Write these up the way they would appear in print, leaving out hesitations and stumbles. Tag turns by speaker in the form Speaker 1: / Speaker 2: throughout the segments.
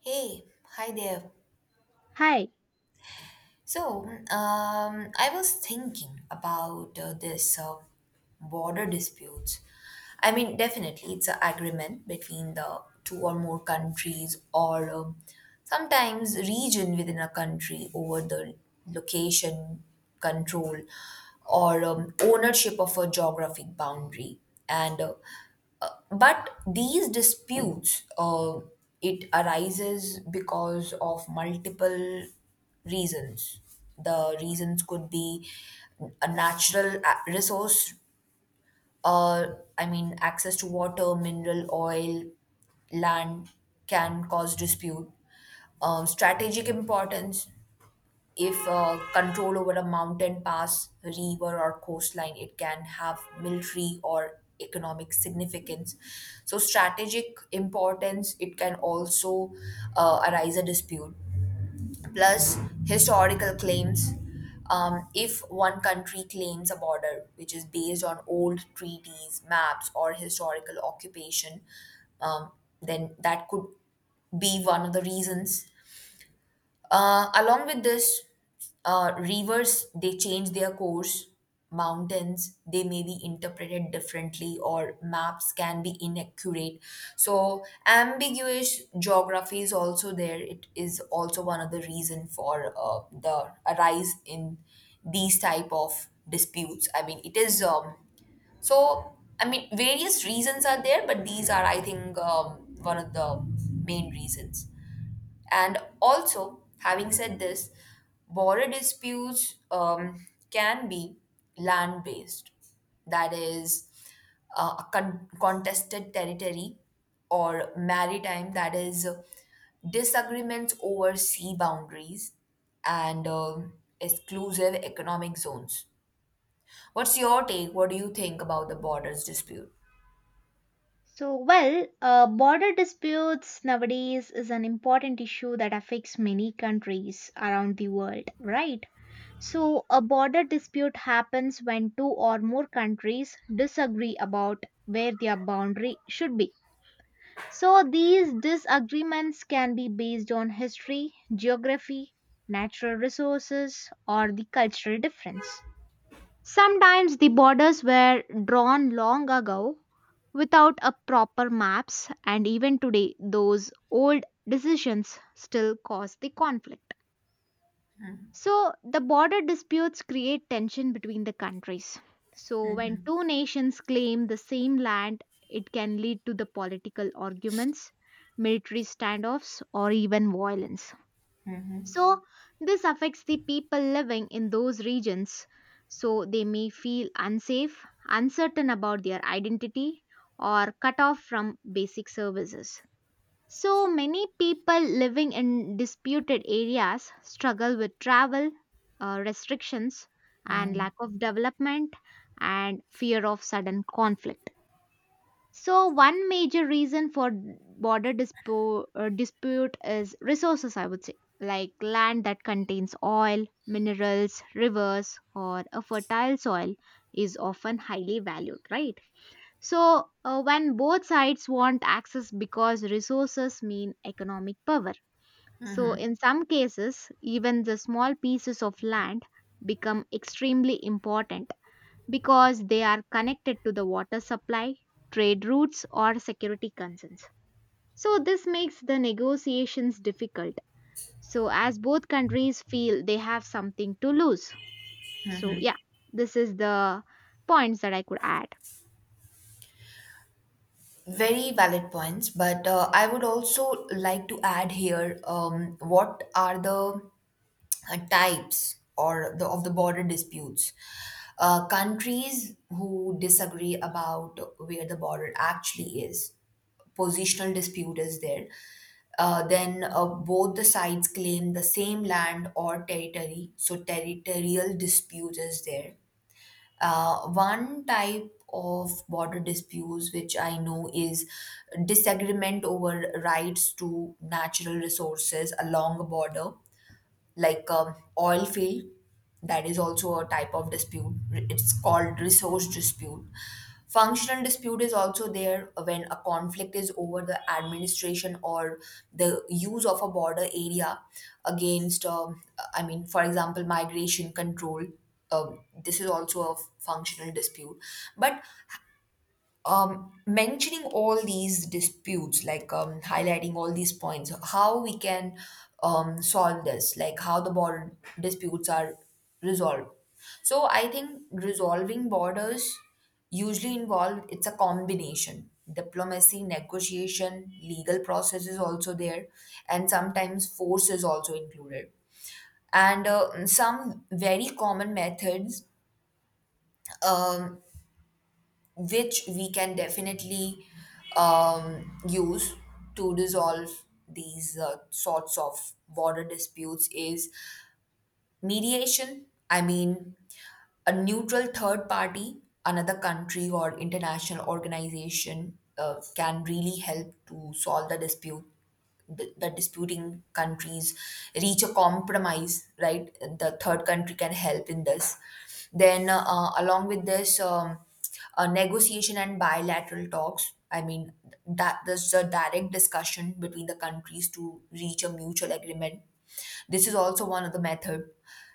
Speaker 1: Hey, hi there.
Speaker 2: Hi.
Speaker 1: So, I was thinking about this border disputes. I mean, definitely, it's an agreement between the two or more countries or sometimes region within a country over the location, control, or ownership of a geographic boundary. And But these disputes, it arises because of multiple reasons. The reasons could be a resource. uh, I mean, access to water, mineral, oil, land can cause dispute. Strategic importance, if control over a mountain pass, river, or coastline, it can have military or economic significance. So, strategic importance, it can also arise a dispute plus historical claims. If one country claims a border which is based on old treaties, maps, or historical occupation, um, then that could be one of the reasons, along with this. Rivers they change their course. Mountains they may be interpreted differently, or maps can be inaccurate. So ambiguous geography is also there. It is also one of the reason for the arise in these type of disputes. I mean, it is, so I mean various reasons are there, but these are I think one of the main reasons. And also, having said this, border disputes can be land based, that is, a contested territory, or maritime, that is, disagreements over sea boundaries and exclusive economic zones. What's your take? What do you think about the borders dispute?
Speaker 2: So, well, border disputes nowadays is an important issue that affects many countries around the world, right? So, a border dispute happens when two or more countries disagree about where their boundary should be. So, these disagreements can be based on history, geography, natural resources, or the cultural difference. Sometimes the borders were drawn long ago without a proper maps, and even today those old decisions still cause the conflict. So the border disputes create tension between the countries. So when two nations claim the same land, it can lead to the political arguments, military standoffs, or even violence. So, this affects the people living in those regions. So, they may feel unsafe, uncertain about their identity, or cut off from basic services. So, many people living in disputed areas struggle with travel restrictions and lack of development and fear of sudden conflict. So, one major reason for dispute is resources, I would say, like land that contains oil, minerals, rivers, or a fertile soil is often highly valued, right? So, when both sides want access because resources mean economic power. So, in some cases, even the small pieces of land become extremely important because they are connected to the water supply, trade routes, or security concerns. So, this makes the negotiations difficult. So, as both countries feel they have something to lose. So, yeah, this is the points that I could add.
Speaker 1: Very valid points, but I would also like to add here what are the types or the of the border disputes. Countries who disagree about where the border actually is, positional dispute is there. Then both the sides claim the same land or territory, so territorial dispute is there. One type of border disputes which I know is disagreement over rights to natural resources along a border, like oil field. That is also a type of dispute, it's called resource dispute. Functional dispute is also there when a conflict is over the administration or the use of a border area against I mean, for example, migration control. This is also a functional dispute. But mentioning all these disputes, like highlighting all these points, how we can solve this, like how the border disputes are resolved. So I think resolving borders usually involve it's a combination diplomacy, negotiation, legal process is also there, and sometimes force is also included. And some very common methods um which we can definitely use to resolve these sorts of border disputes is mediation. I mean, a neutral third party, another country or international organization can really help to solve the dispute. The disputing countries reach a compromise, right? The third country can help in this. Then, along with this, negotiation and bilateral talks. I mean, that there's a direct discussion between the countries to reach a mutual agreement. This is also one of the method.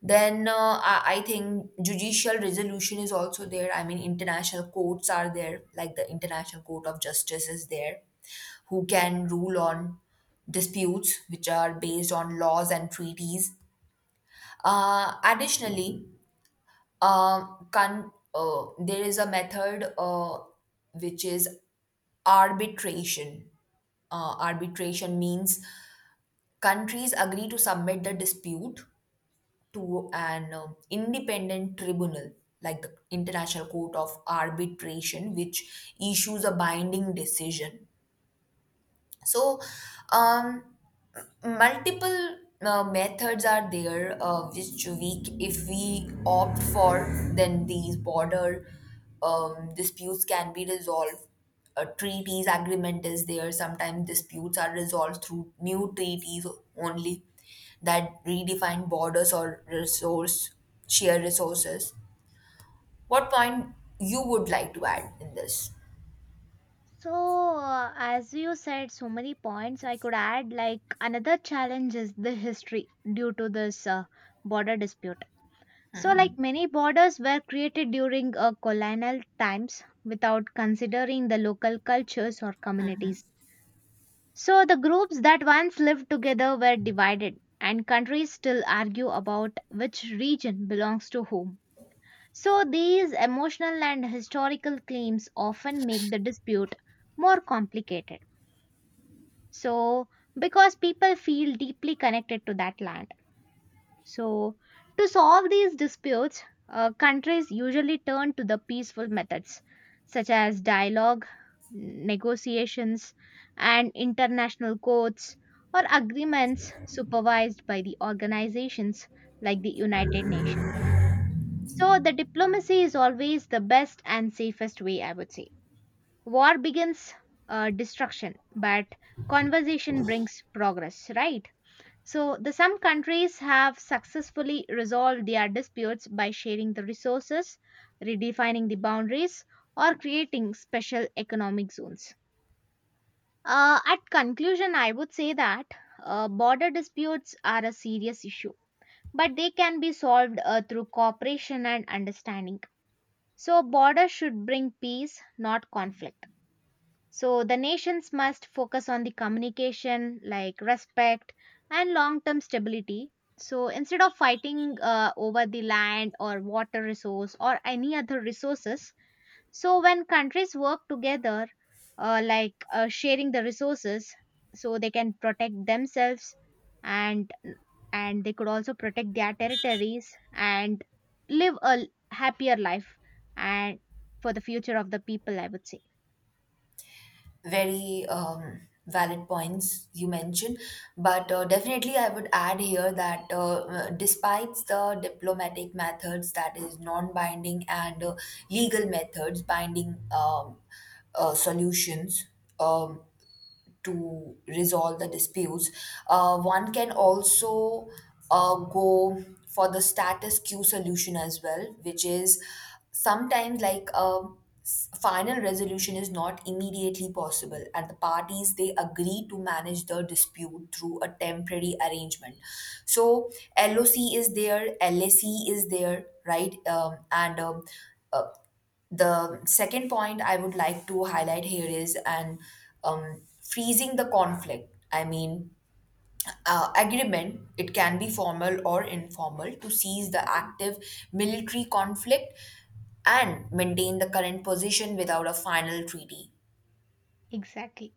Speaker 1: Then I think judicial resolution is also there. I mean, international courts are there, like the International Court of Justice is there, who can rule on disputes which are based on laws and treaties. Additionally, can there is a method which is arbitration. Arbitration means countries agree to submit the dispute to an independent tribunal, like the International Court of Arbitration, which issues a binding decision. So um, multiple methods are there which we, if we opt for, then these border disputes can be resolved. Treaties agreement is there, sometimes disputes are resolved through new treaties only that redefine borders or resource share resources. What point you would like to add in this?
Speaker 2: So, as you said, so many points I could add. Like, another challenge is the history due to this border dispute. So, like many borders were created during colonial times without considering the local cultures or communities. So, the groups that once lived together were divided, and countries still argue about which region belongs to whom. So, these emotional and historical claims often make the dispute more complicated. So, because people feel deeply connected to that land. So, to solve these disputes, countries usually turn to the peaceful methods such as dialogue, negotiations, and international courts or agreements supervised by the organizations like the United Nations. So, the diplomacy is always the best and safest way, I would say. War begins destruction, but conversation brings progress, right? So, the some countries have successfully resolved their disputes by sharing the resources, redefining the boundaries, or creating special economic zones. At conclusion, I would say that border disputes are a serious issue, but they can be solved through cooperation and understanding. So, borders should bring peace, not conflict. So the nations must focus on the communication, like respect and long term stability. So instead of fighting over the land or water resource or any other resources, so when countries work together, like sharing the resources, so they can protect themselves and and they could also protect their territories and live a happier life and for the future of the people, I would say.
Speaker 1: Very valid points you mentioned, but definitely I would add here that despite the diplomatic methods that is non-binding and legal methods binding, solutions um, to resolve the disputes. One can also go for the status quo solution as well, which is sometimes like a final resolution is not immediately possible, and the parties they agree to manage the dispute through a temporary arrangement. So LOC is there, LSE is there, right? And uh, the second point I would like to highlight here is, and freezing the conflict. I mean, agreement, it can be formal or informal, to cease the active military conflict and maintain the current position without a final treaty.
Speaker 2: Exactly.